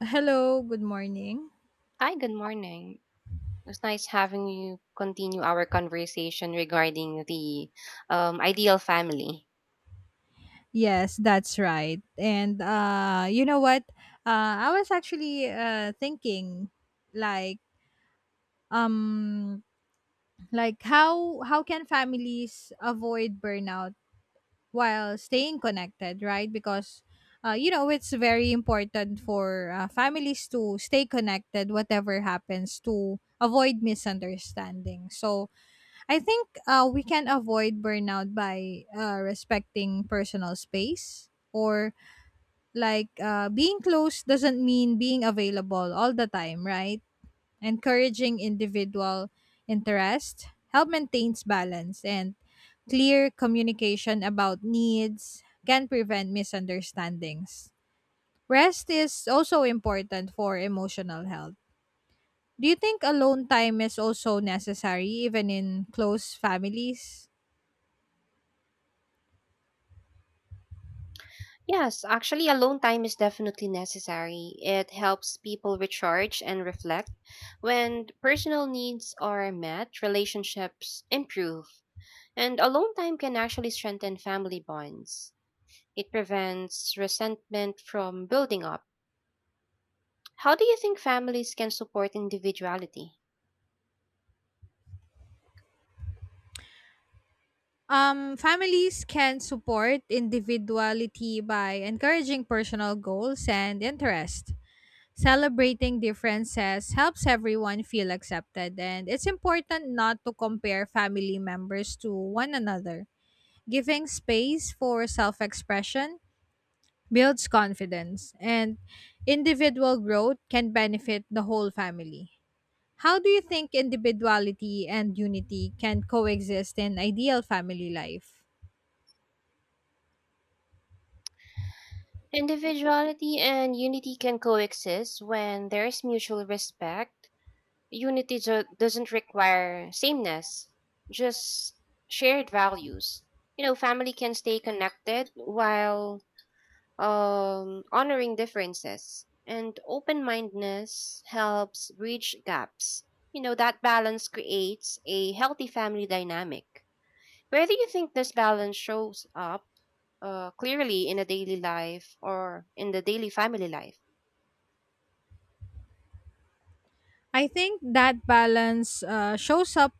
Hello, good morning. Hi, good morning. It was nice having you continue our conversation regarding the ideal family. Yes, that's right. And you know what? I was actually thinking like um how can families avoid burnout while staying connected, right? Because you know, it's very important for families to stay connected whatever happens to avoid misunderstanding. So I think we can avoid burnout by respecting personal space or like being close doesn't mean being available all the time, right? Encouraging individual interest help maintains balance and clear communication about needs can prevent misunderstandings. Rest is also important for emotional health. Do you think alone time is also necessary even in close families? Yes, actually, alone time is definitely necessary. It helps people recharge and reflect. When personal needs are met, relationships improve, and alone time can actually strengthen family bonds. It prevents resentment from building up. How do you think families can support individuality? Families can support individuality by encouraging personal goals and interest. Celebrating differences helps everyone feel accepted, and it's important not to compare family members to one another. Giving space for self expression builds confidence, and individual growth can benefit the whole family. How do you think individuality and unity can coexist in ideal family life? Individuality and unity can coexist when there is mutual respect. Unity doesn't require sameness, just shared values. You know, family can stay connected while honoring differences, and open mindedness helps bridge gaps. You know, that balance creates a healthy family dynamic. Where do you think this balance shows up clearly in a daily life or in the daily family life? I think that balance shows up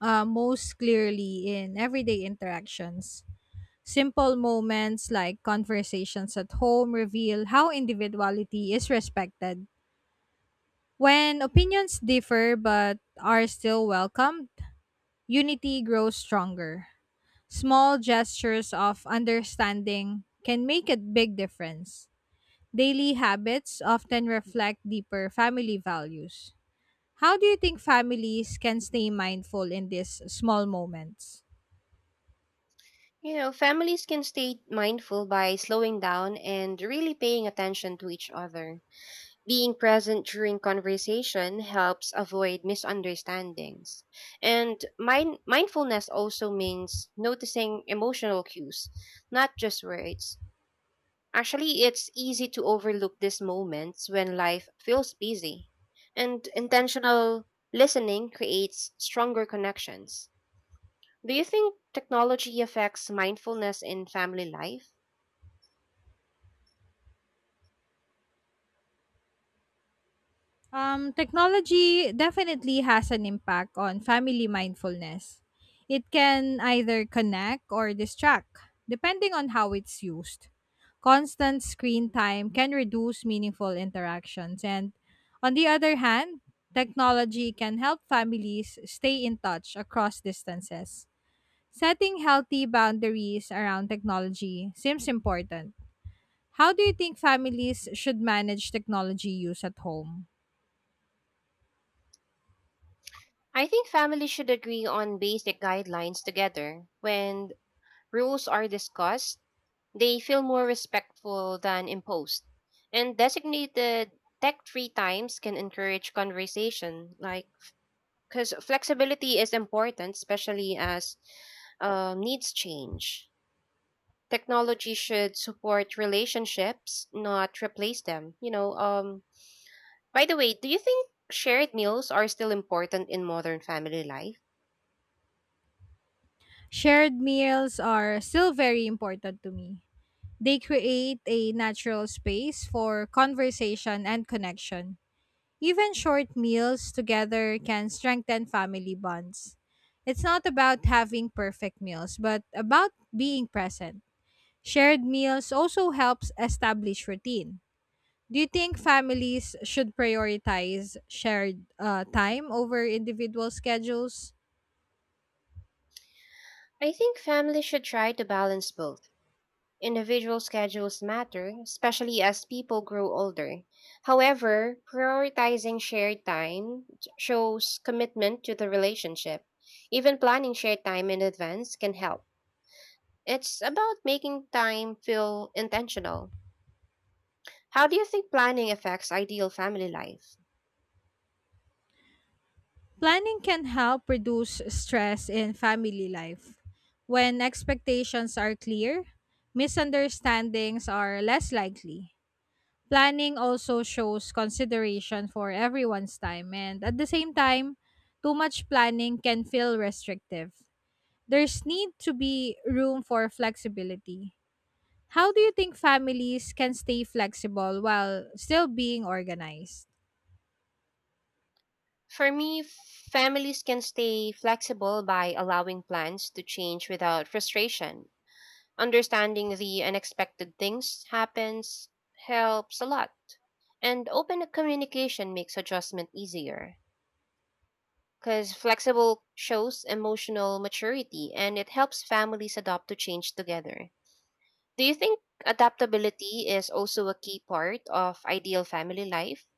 most clearly in everyday interactions. Simple moments like conversations at home reveal how individuality is respected. When opinions differ but are still welcomed, unity grows stronger. Small gestures of understanding can make a big difference. Daily habits often reflect deeper family values. How do you think families can stay mindful in these small moments? You know, families can stay mindful by slowing down and really paying attention to each other. Being present during conversation helps avoid misunderstandings. And mindfulness also means noticing emotional cues, not just words. Actually, it's easy to overlook these moments when life feels busy, and intentional listening creates stronger connections. Do you think technology affects mindfulness in family life? Technology definitely has an impact on family mindfulness. It can either connect or distract, depending on how it's used. Constant screen time can reduce meaningful interactions. And on the other hand, technology can help families stay in touch across distances. Setting healthy boundaries around technology seems important. How do you think families should manage technology use at home? I think families should agree on basic guidelines together. When rules are discussed, they feel more respectful than imposed. And designated tech free times can encourage conversation like because flexibility is important, especially as needs change. Technology should support relationships, not replace them. By the way, do you think shared meals are still important in modern family life? Shared meals are still very important to me. They create a natural space for conversation and connection. Even short meals together can strengthen family bonds. It's not about having perfect meals, but about being present. Shared meals also helps establish routine. Do you think families should prioritize shared time over individual schedules? I think families should try to balance both. Individual schedules matter, especially as people grow older. However, prioritizing shared time shows commitment to the relationship. Even planning shared time in advance can help. It's about making time feel intentional. How do you think planning affects ideal family life? Planning can help reduce stress in family life. When expectations are clear, misunderstandings are less likely. Planning also shows consideration for everyone's time, and at the same time, too much planning can feel restrictive. There's need to be room for flexibility. How do you think families can stay flexible while still being organized? For me, families can stay flexible by allowing plans to change without frustration. Understanding the unexpected things happens helps a lot, and open communication makes adjustment easier. Because flexible shows emotional maturity and it helps families adopt to change together. Do you think adaptability is also a key part of ideal family life?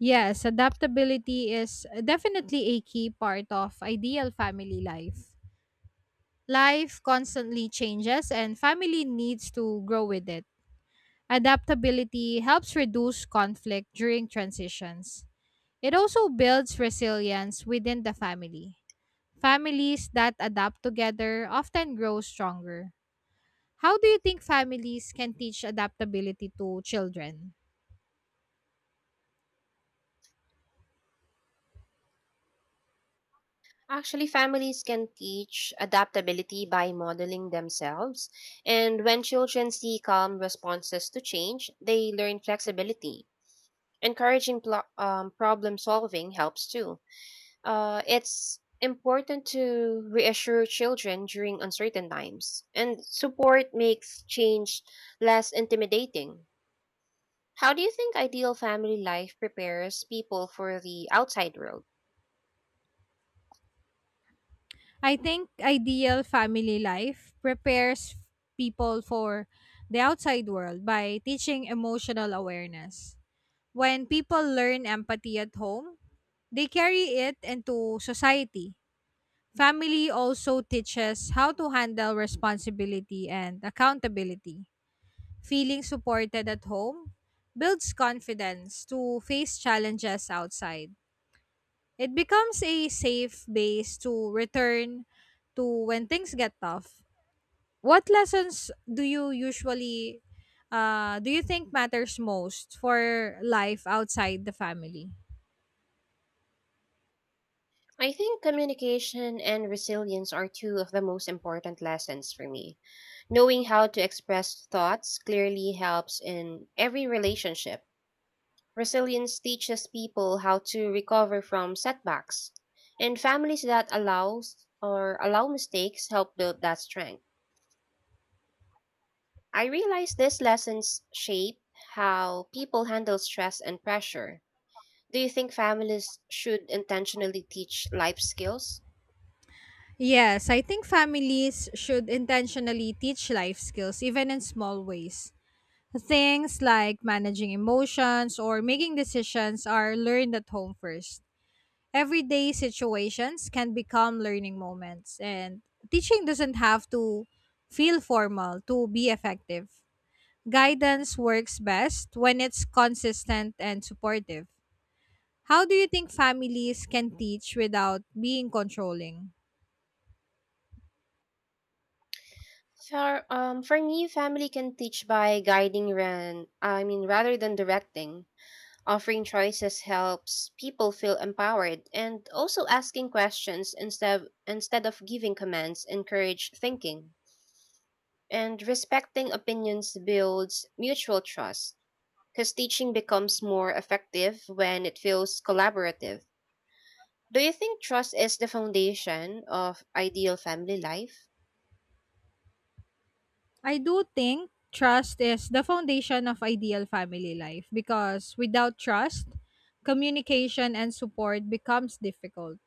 Yes, adaptability is definitely a key part of ideal family life. Life constantly changes and family needs to grow with it. Adaptability helps reduce conflict during transitions. It also builds resilience within the family. Families that adapt together often grow stronger. How do you think families can teach adaptability to children? Actually, families can teach adaptability by modeling themselves. And when children see calm responses to change, they learn flexibility. Encouraging problem solving helps too. It's important to reassure children during uncertain times, and support makes change less intimidating. How do you think ideal family life prepares people for the outside world? I think ideal family life prepares people for the outside world by teaching emotional awareness. When people learn empathy at home, they carry it into society. Family also teaches how to handle responsibility and accountability. Feeling supported at home builds confidence to face challenges outside. It becomes a safe base to return to when things get tough. What lessons do you usually do you think matters most for life outside the family? I think communication and resilience are two of the most important lessons for me. Knowing how to express thoughts clearly helps in every relationship. Resilience teaches people how to recover from setbacks, and families that allows or allow mistakes help build that strength. I realize these lessons shape how people handle stress and pressure. Do you think families should intentionally teach life skills? Yes, I think families should intentionally teach life skills, even in small ways. Things like managing emotions or making decisions are learned at home first. Everyday situations can become learning moments, and teaching doesn't have to feel formal to be effective. Guidance works best when it's consistent and supportive. How do you think families can teach without being controlling? For me, family can teach by guiding, rather than directing. Offering choices helps people feel empowered, and also asking questions instead of giving commands encourage thinking. And respecting opinions builds mutual trust, because teaching becomes more effective when it feels collaborative. Do you think trust is the foundation of ideal family life? I do think trust is the foundation of ideal family life because without trust, communication and support becomes difficult.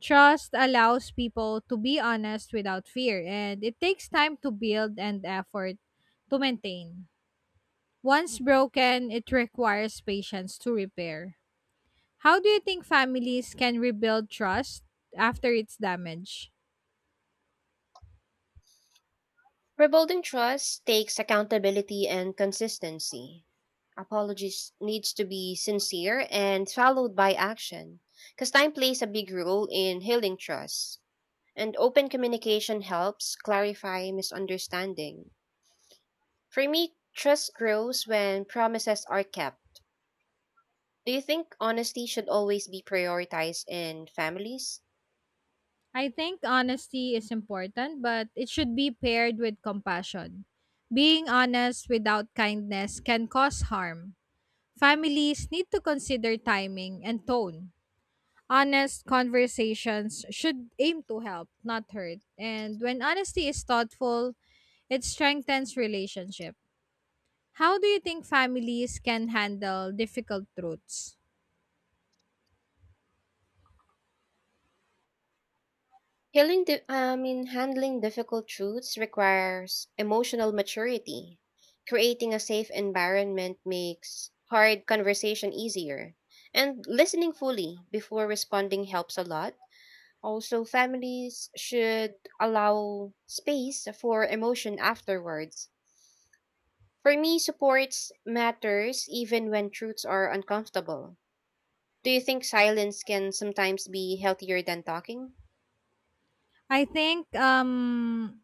Trust allows people to be honest without fear, and it takes time to build and effort to maintain. Once broken, it requires patience to repair. How do you think families can rebuild trust after it's damaged? Rebuilding trust takes accountability and consistency. Apologies needs to be sincere and followed by action because time plays a big role in healing trust. And open communication helps clarify misunderstanding. For me, trust grows when promises are kept. Do you think honesty should always be prioritized in families? I think honesty is important, but it should be paired with compassion. Being honest without kindness can cause harm. Families need to consider timing and tone. Honest conversations should aim to help, not hurt. And when honesty is thoughtful, it strengthens relationship. How do you think families can handle difficult truths? Healing, di- I mean, Handling difficult truths requires emotional maturity. Creating a safe environment makes hard conversation easier. And listening fully before responding helps a lot. Also, families should allow space for emotion afterwards. For me, supports matters even when truths are uncomfortable. Do you think silence can sometimes be healthier than talking? I think um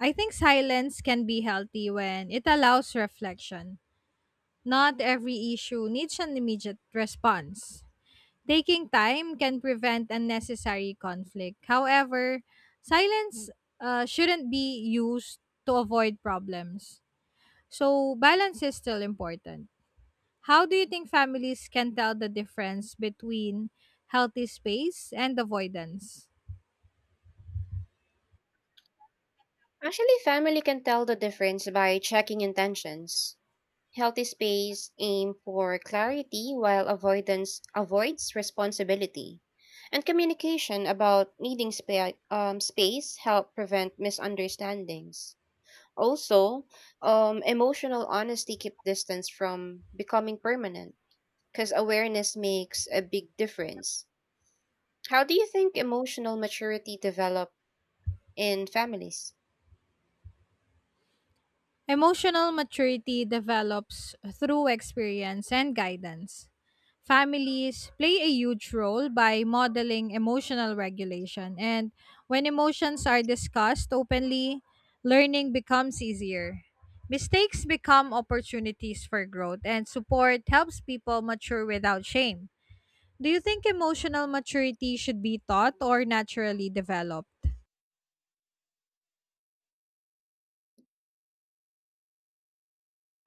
I think silence can be healthy when it allows reflection. Not every issue needs an immediate response. Taking time can prevent unnecessary conflict. However, silence shouldn't be used to avoid problems. So, balance is still important. How do you think families can tell the difference between healthy space and avoidance? Actually, family can tell the difference by checking intentions. Healthy space aim for clarity while avoidance avoids responsibility. And communication about needing space help prevent misunderstandings. Also, emotional honesty keep distance from becoming permanent because awareness makes a big difference. How do you think emotional maturity develop in families? Emotional maturity develops through experience and guidance. Families play a huge role by modeling emotional regulation, and when emotions are discussed openly, learning becomes easier. Mistakes become opportunities for growth, and support helps people mature without shame. Do you think emotional maturity should be taught or naturally developed?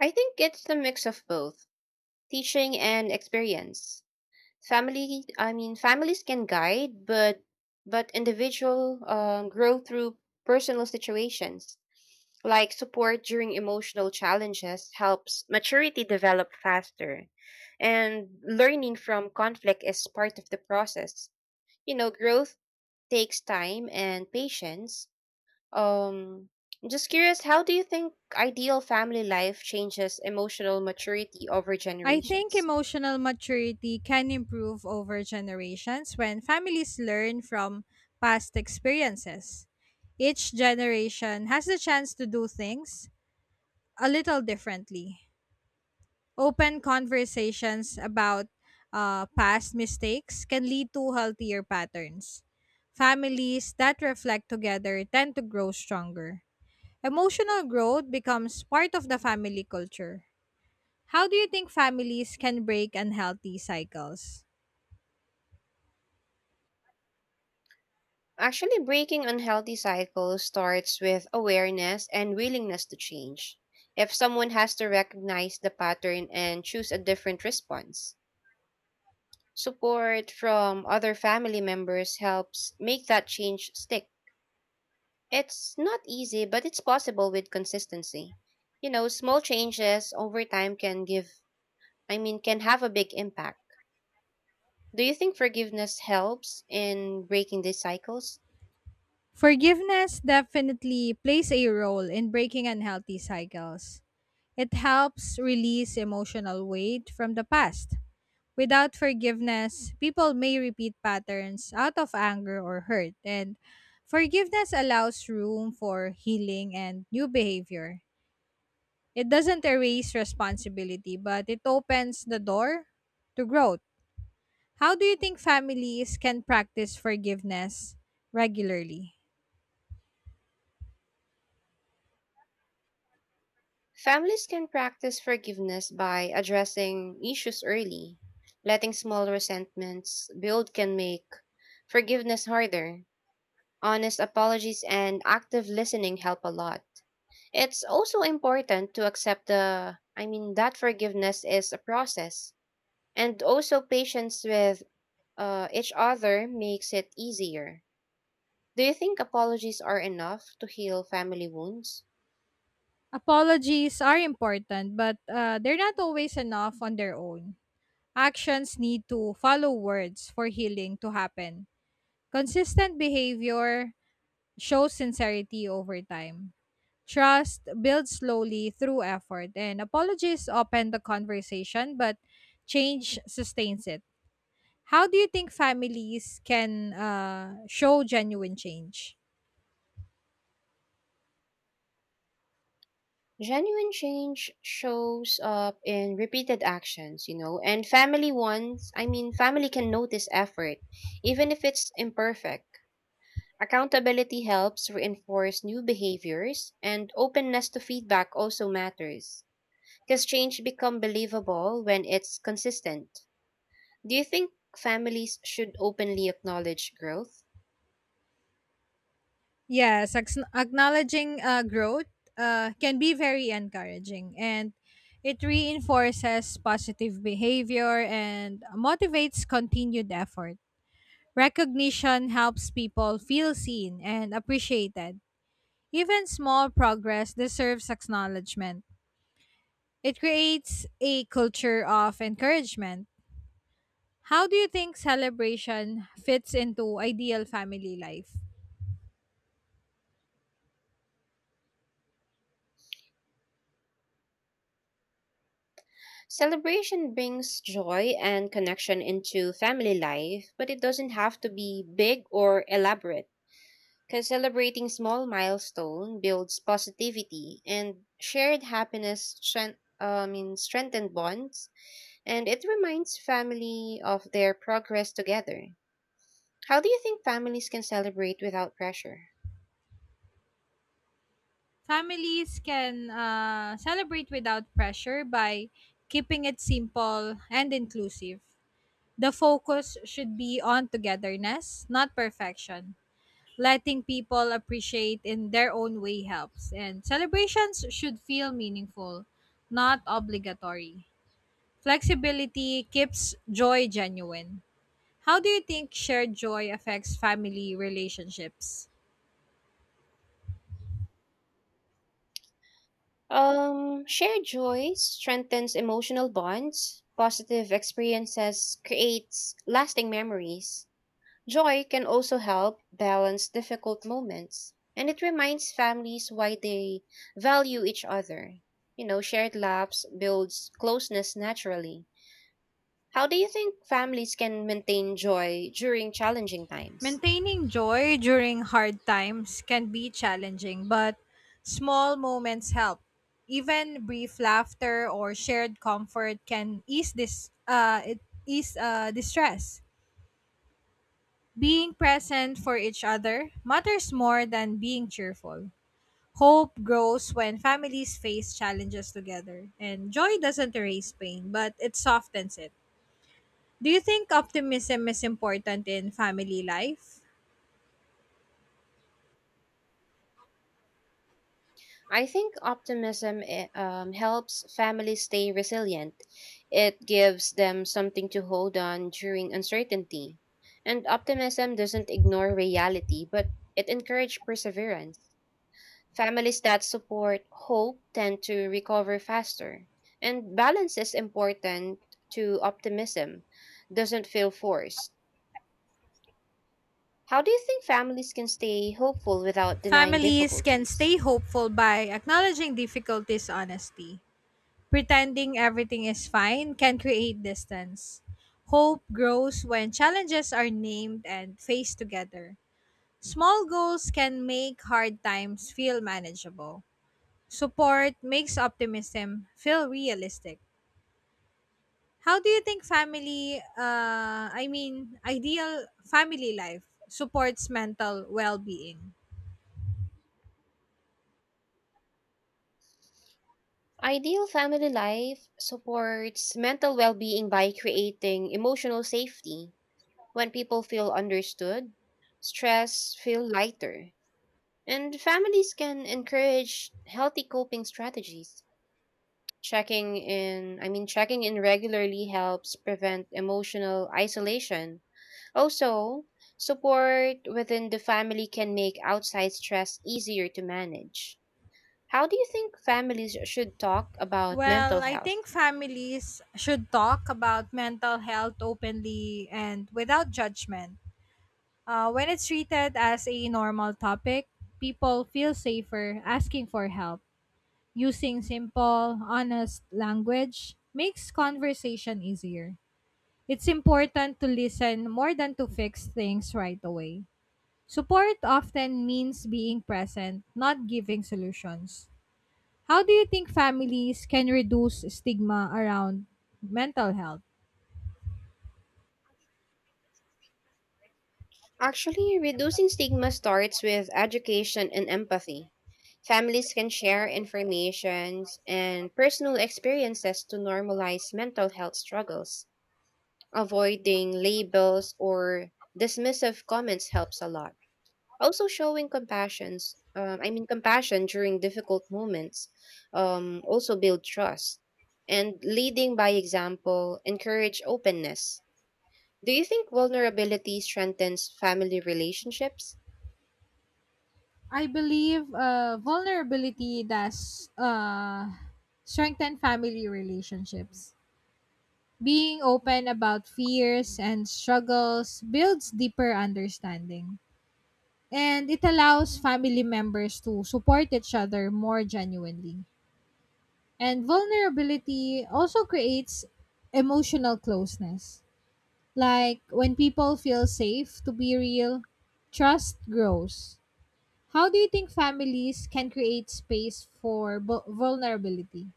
I think it's the mix of both teaching and experience. Family I mean Families can guide, but individual grow through personal situations. Like support during emotional challenges helps maturity develop faster, and learning from conflict is part of the process. You know, growth takes time and patience. um I'm just curious, how do you think ideal family life changes emotional maturity over I think generations? emotional maturity can improve over generations when families learn from past experiences. Each generation has the chance to do things a little differently. Open conversations about past mistakes can lead to healthier patterns. Families that reflect together tend to grow stronger. Emotional growth becomes part of the family culture. How do you think families can break unhealthy cycles? Actually, breaking unhealthy cycles starts with awareness and willingness to change. If someone has to recognize the pattern and choose a different response, support from other family members helps make that change stick. It's not easy, but it's possible with consistency. You know, small changes over time can can have a big impact. Do you think forgiveness helps in breaking these cycles? Forgiveness definitely plays a role in breaking unhealthy cycles. It helps release emotional weight from the past. Without forgiveness, people may repeat patterns out of anger or hurt, and forgiveness allows room for healing and new behavior. It doesn't erase responsibility, but it opens the door to growth. How do you think families can practice forgiveness regularly? Families can practice forgiveness by addressing issues early. Letting small resentments build can make forgiveness harder. Honest apologies and active listening help a lot. It's also important to accept the I mean that forgiveness is a process, and also patience with each other makes it easier. Do you think apologies are enough to heal family wounds? Apologies are important, but they're not always enough on their own. Actions need to follow words for healing to happen. Consistent behavior shows sincerity over time. Trust builds slowly through effort, and apologies open the conversation, but change sustains it. How do you think families can show genuine change? Genuine change shows up in repeated actions, you know, and family wants, I mean, family can notice effort, even if it's imperfect. Accountability helps reinforce new behaviors, and openness to feedback also matters. Because change become believable when it's consistent. Do you think families should openly acknowledge growth? Yes, acknowledging growth can be very encouraging and it reinforces positive behavior and motivates continued effort. Recognition helps people feel seen and appreciated. Even small progress deserves acknowledgement. It creates a culture of encouragement. How do you think celebration fits into ideal family life? Celebration brings joy and connection into family life, but it doesn't have to be big or elaborate. Because celebrating small milestone builds positivity and shared happiness strengthened bonds, and it reminds family of their progress together. How do you think families can celebrate without pressure? Families can celebrate without pressure by keeping it simple and inclusive. The focus should be on togetherness, not perfection. Letting people appreciate in their own way helps, and celebrations should feel meaningful, not obligatory. Flexibility keeps joy genuine. How do you think shared joy affects family relationships? Shared joy strengthens emotional bonds. Positive experiences creates lasting memories. Joy can also help balance difficult moments, and it reminds families why they value each other. You know, shared laughs builds closeness naturally. How do you think families can maintain joy during challenging times? Maintaining joy during hard times can be challenging, but small moments help. Even brief laughter or shared comfort can ease this it ease distress. Being present for each other matters more than being cheerful. Hope grows when families face challenges together, and joy doesn't erase pain, but it softens it. Do you think optimism is important in family life? I think optimism helps families stay resilient. It gives them something to hold on during uncertainty. And optimism doesn't ignore reality, but it encourages perseverance. Families that support hope tend to recover faster. And balance is important to optimism, doesn't feel forced. How do you think families can stay hopeful without denying Families can difficulties? stay hopeful by acknowledging difficulties honestly. Pretending everything is fine can create distance. Hope grows when challenges are named and faced together. Small goals can make hard times feel manageable. Support makes optimism feel realistic. How do you think ideal family life supports mental well being? Ideal family life supports mental well being by creating emotional safety. When people feel understood, stress feel lighter. And families can encourage healthy coping strategies. Checking in regularly helps prevent emotional isolation. Also, support within the family can make outside stress easier to manage. How do you think families should talk about mental Well, I health? think families should talk about mental health openly and without judgment. When it's treated as a normal topic, people feel safer asking for help. Using simple, honest language makes conversation easier. It's important to listen more than to fix things right away. Support often means being present, not giving solutions. How do you think families can reduce stigma around mental health? Actually, reducing stigma starts with education and empathy. Families can share information and personal experiences to normalize mental health struggles. Avoiding labels or dismissive comments helps a lot. Also, showing compassion during difficult moments, also build trust. And leading by example, encourage openness. Do you think vulnerability strengthens family relationships? I believe vulnerability does strengthen family relationships. Being open about fears and struggles builds deeper understanding, and it allows family members to support each other more genuinely. And vulnerability also creates emotional closeness. Like when people feel safe to be real, trust grows. How do you think families can create space for vulnerability?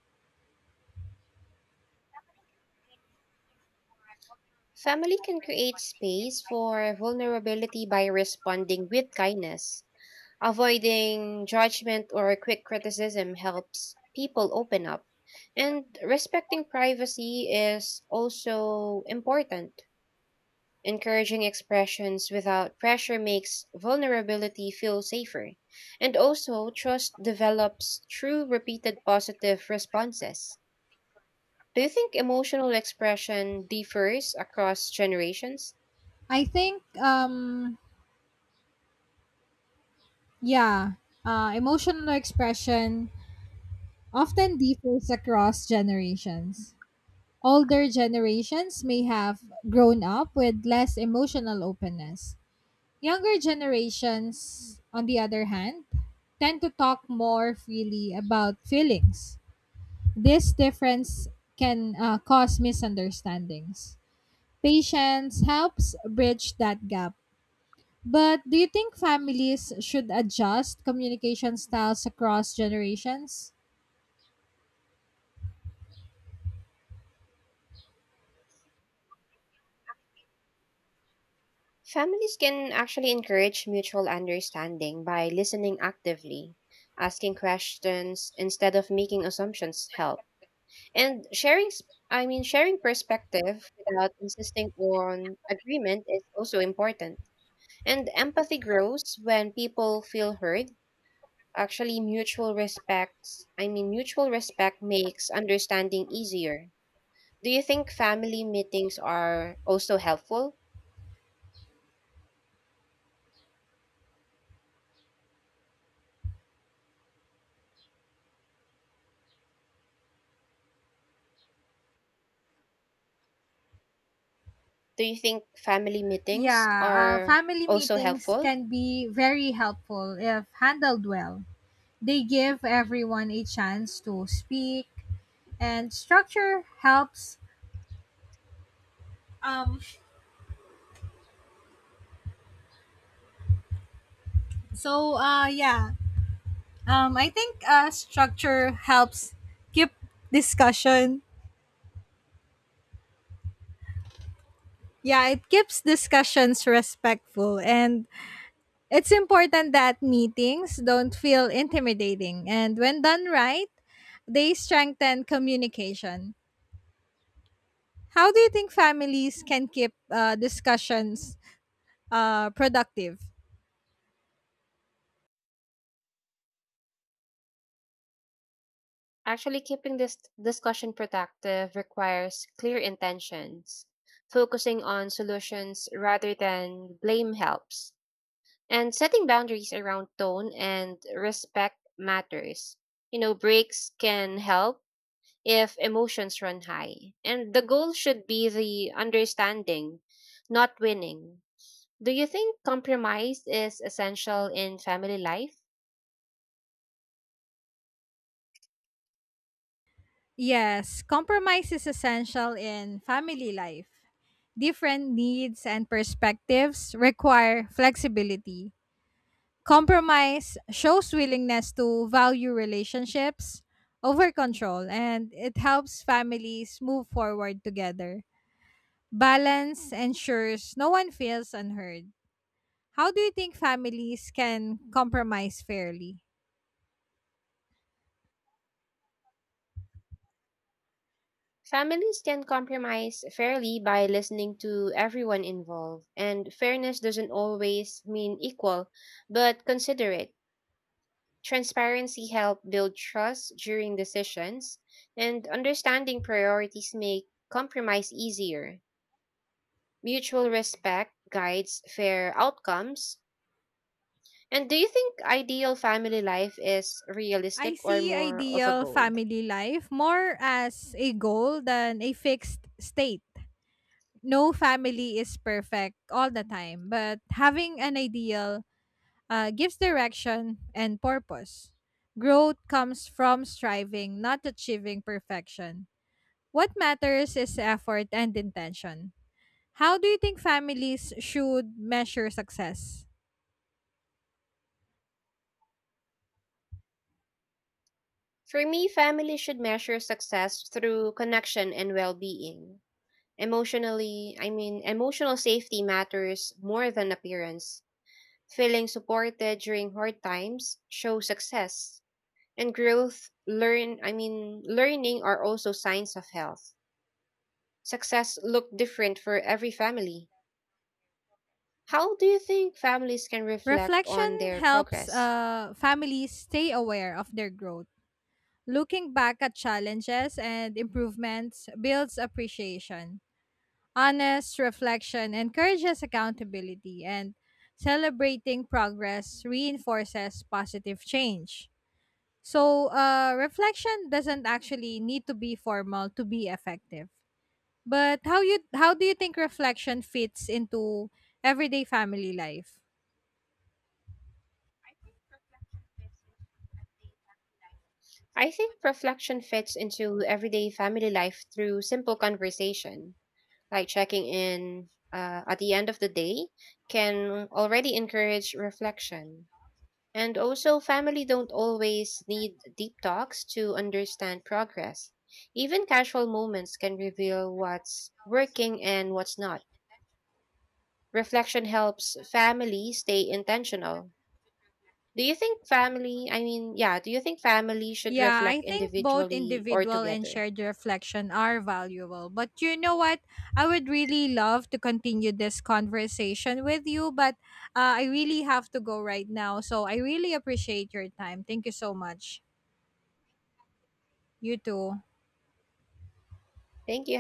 Family can create space for vulnerability by responding with kindness. Avoiding judgment or quick criticism helps people open up. And respecting privacy is also important. Encouraging expressions without pressure makes vulnerability feel safer. And also, trust develops through repeated positive responses. Do you think emotional expression differs across generations? I think, um, yeah, emotional expression often differs across generations. Older generations may have grown up with less emotional openness. Younger generations, on the other hand, tend to talk more freely about feelings. This difference can cause misunderstandings. Patience helps bridge that gap. But do you think families should adjust communication styles across generations? Families can actually encourage mutual understanding by listening actively, asking questions instead of making assumptions help, and sharing s- I mean sharing perspective without insisting on agreement is also important. And empathy grows when people feel heard. Actually mutual respect makes understanding easier. Do you think family meetings are also helpful? Do you think family meetings Yeah, are family also meetings helpful? can be very helpful if handled well. They give everyone a chance to speak, and structure helps. So, yeah, I think structure helps keep discussion Yeah, it keeps discussions respectful and it's important that meetings don't feel intimidating and when done right, they strengthen communication. How do you think families can keep discussions productive? Actually, keeping this discussion productive requires clear intentions. Focusing on solutions rather than blame helps. And setting boundaries around tone and respect matters. You know, breaks can help if emotions run high. And the goal should be the understanding, not winning. Do you think compromise is essential in family life? Yes, compromise is essential in family life. Different needs and perspectives require flexibility. Compromise shows willingness to value relationships over control and it helps families move forward together. Balance ensures no one feels unheard. How do you think families can compromise fairly? Families can compromise fairly by listening to everyone involved, and fairness doesn't always mean equal, but considerate. Transparency helps build trust during decisions, and understanding priorities make compromise easier. Mutual respect guides fair outcomes. And do you think ideal family life is I realistic or see more of a ideal goal? family life more as a goal than a fixed state. No family is perfect all the time, but having an ideal gives direction and purpose. Growth comes from striving, not achieving perfection. What matters is effort and intention. How do you think families should measure success? For me, family should measure success through connection and well being. Emotional safety matters more than appearance. Feeling supported during hard times shows success. And growth, learn, I mean, learning are also signs of health. Success look different for every family. How do you think families can reflect on Reflection their helps progress? Families stay aware of their growth. Looking back at challenges and improvements builds appreciation. Honest reflection encourages accountability, and celebrating progress reinforces positive change. So, reflection doesn't actually need to be formal to be effective. But how do you think reflection fits into everyday family life? I think reflection fits into everyday family life through simple conversation. Like checking in at the end of the day can already encourage reflection. And also, family don't always need deep talks to understand progress. Even casual moments can reveal what's working and what's not. Reflection helps family stay intentional. Do you think family, I mean, yeah, do you think family should Yeah, I reflect think both individually or individual and together? shared reflection are valuable. But you know what? I would really love to continue this conversation with you, but I really have to go right now. So I really appreciate your time. Thank you so much. You too. Thank you.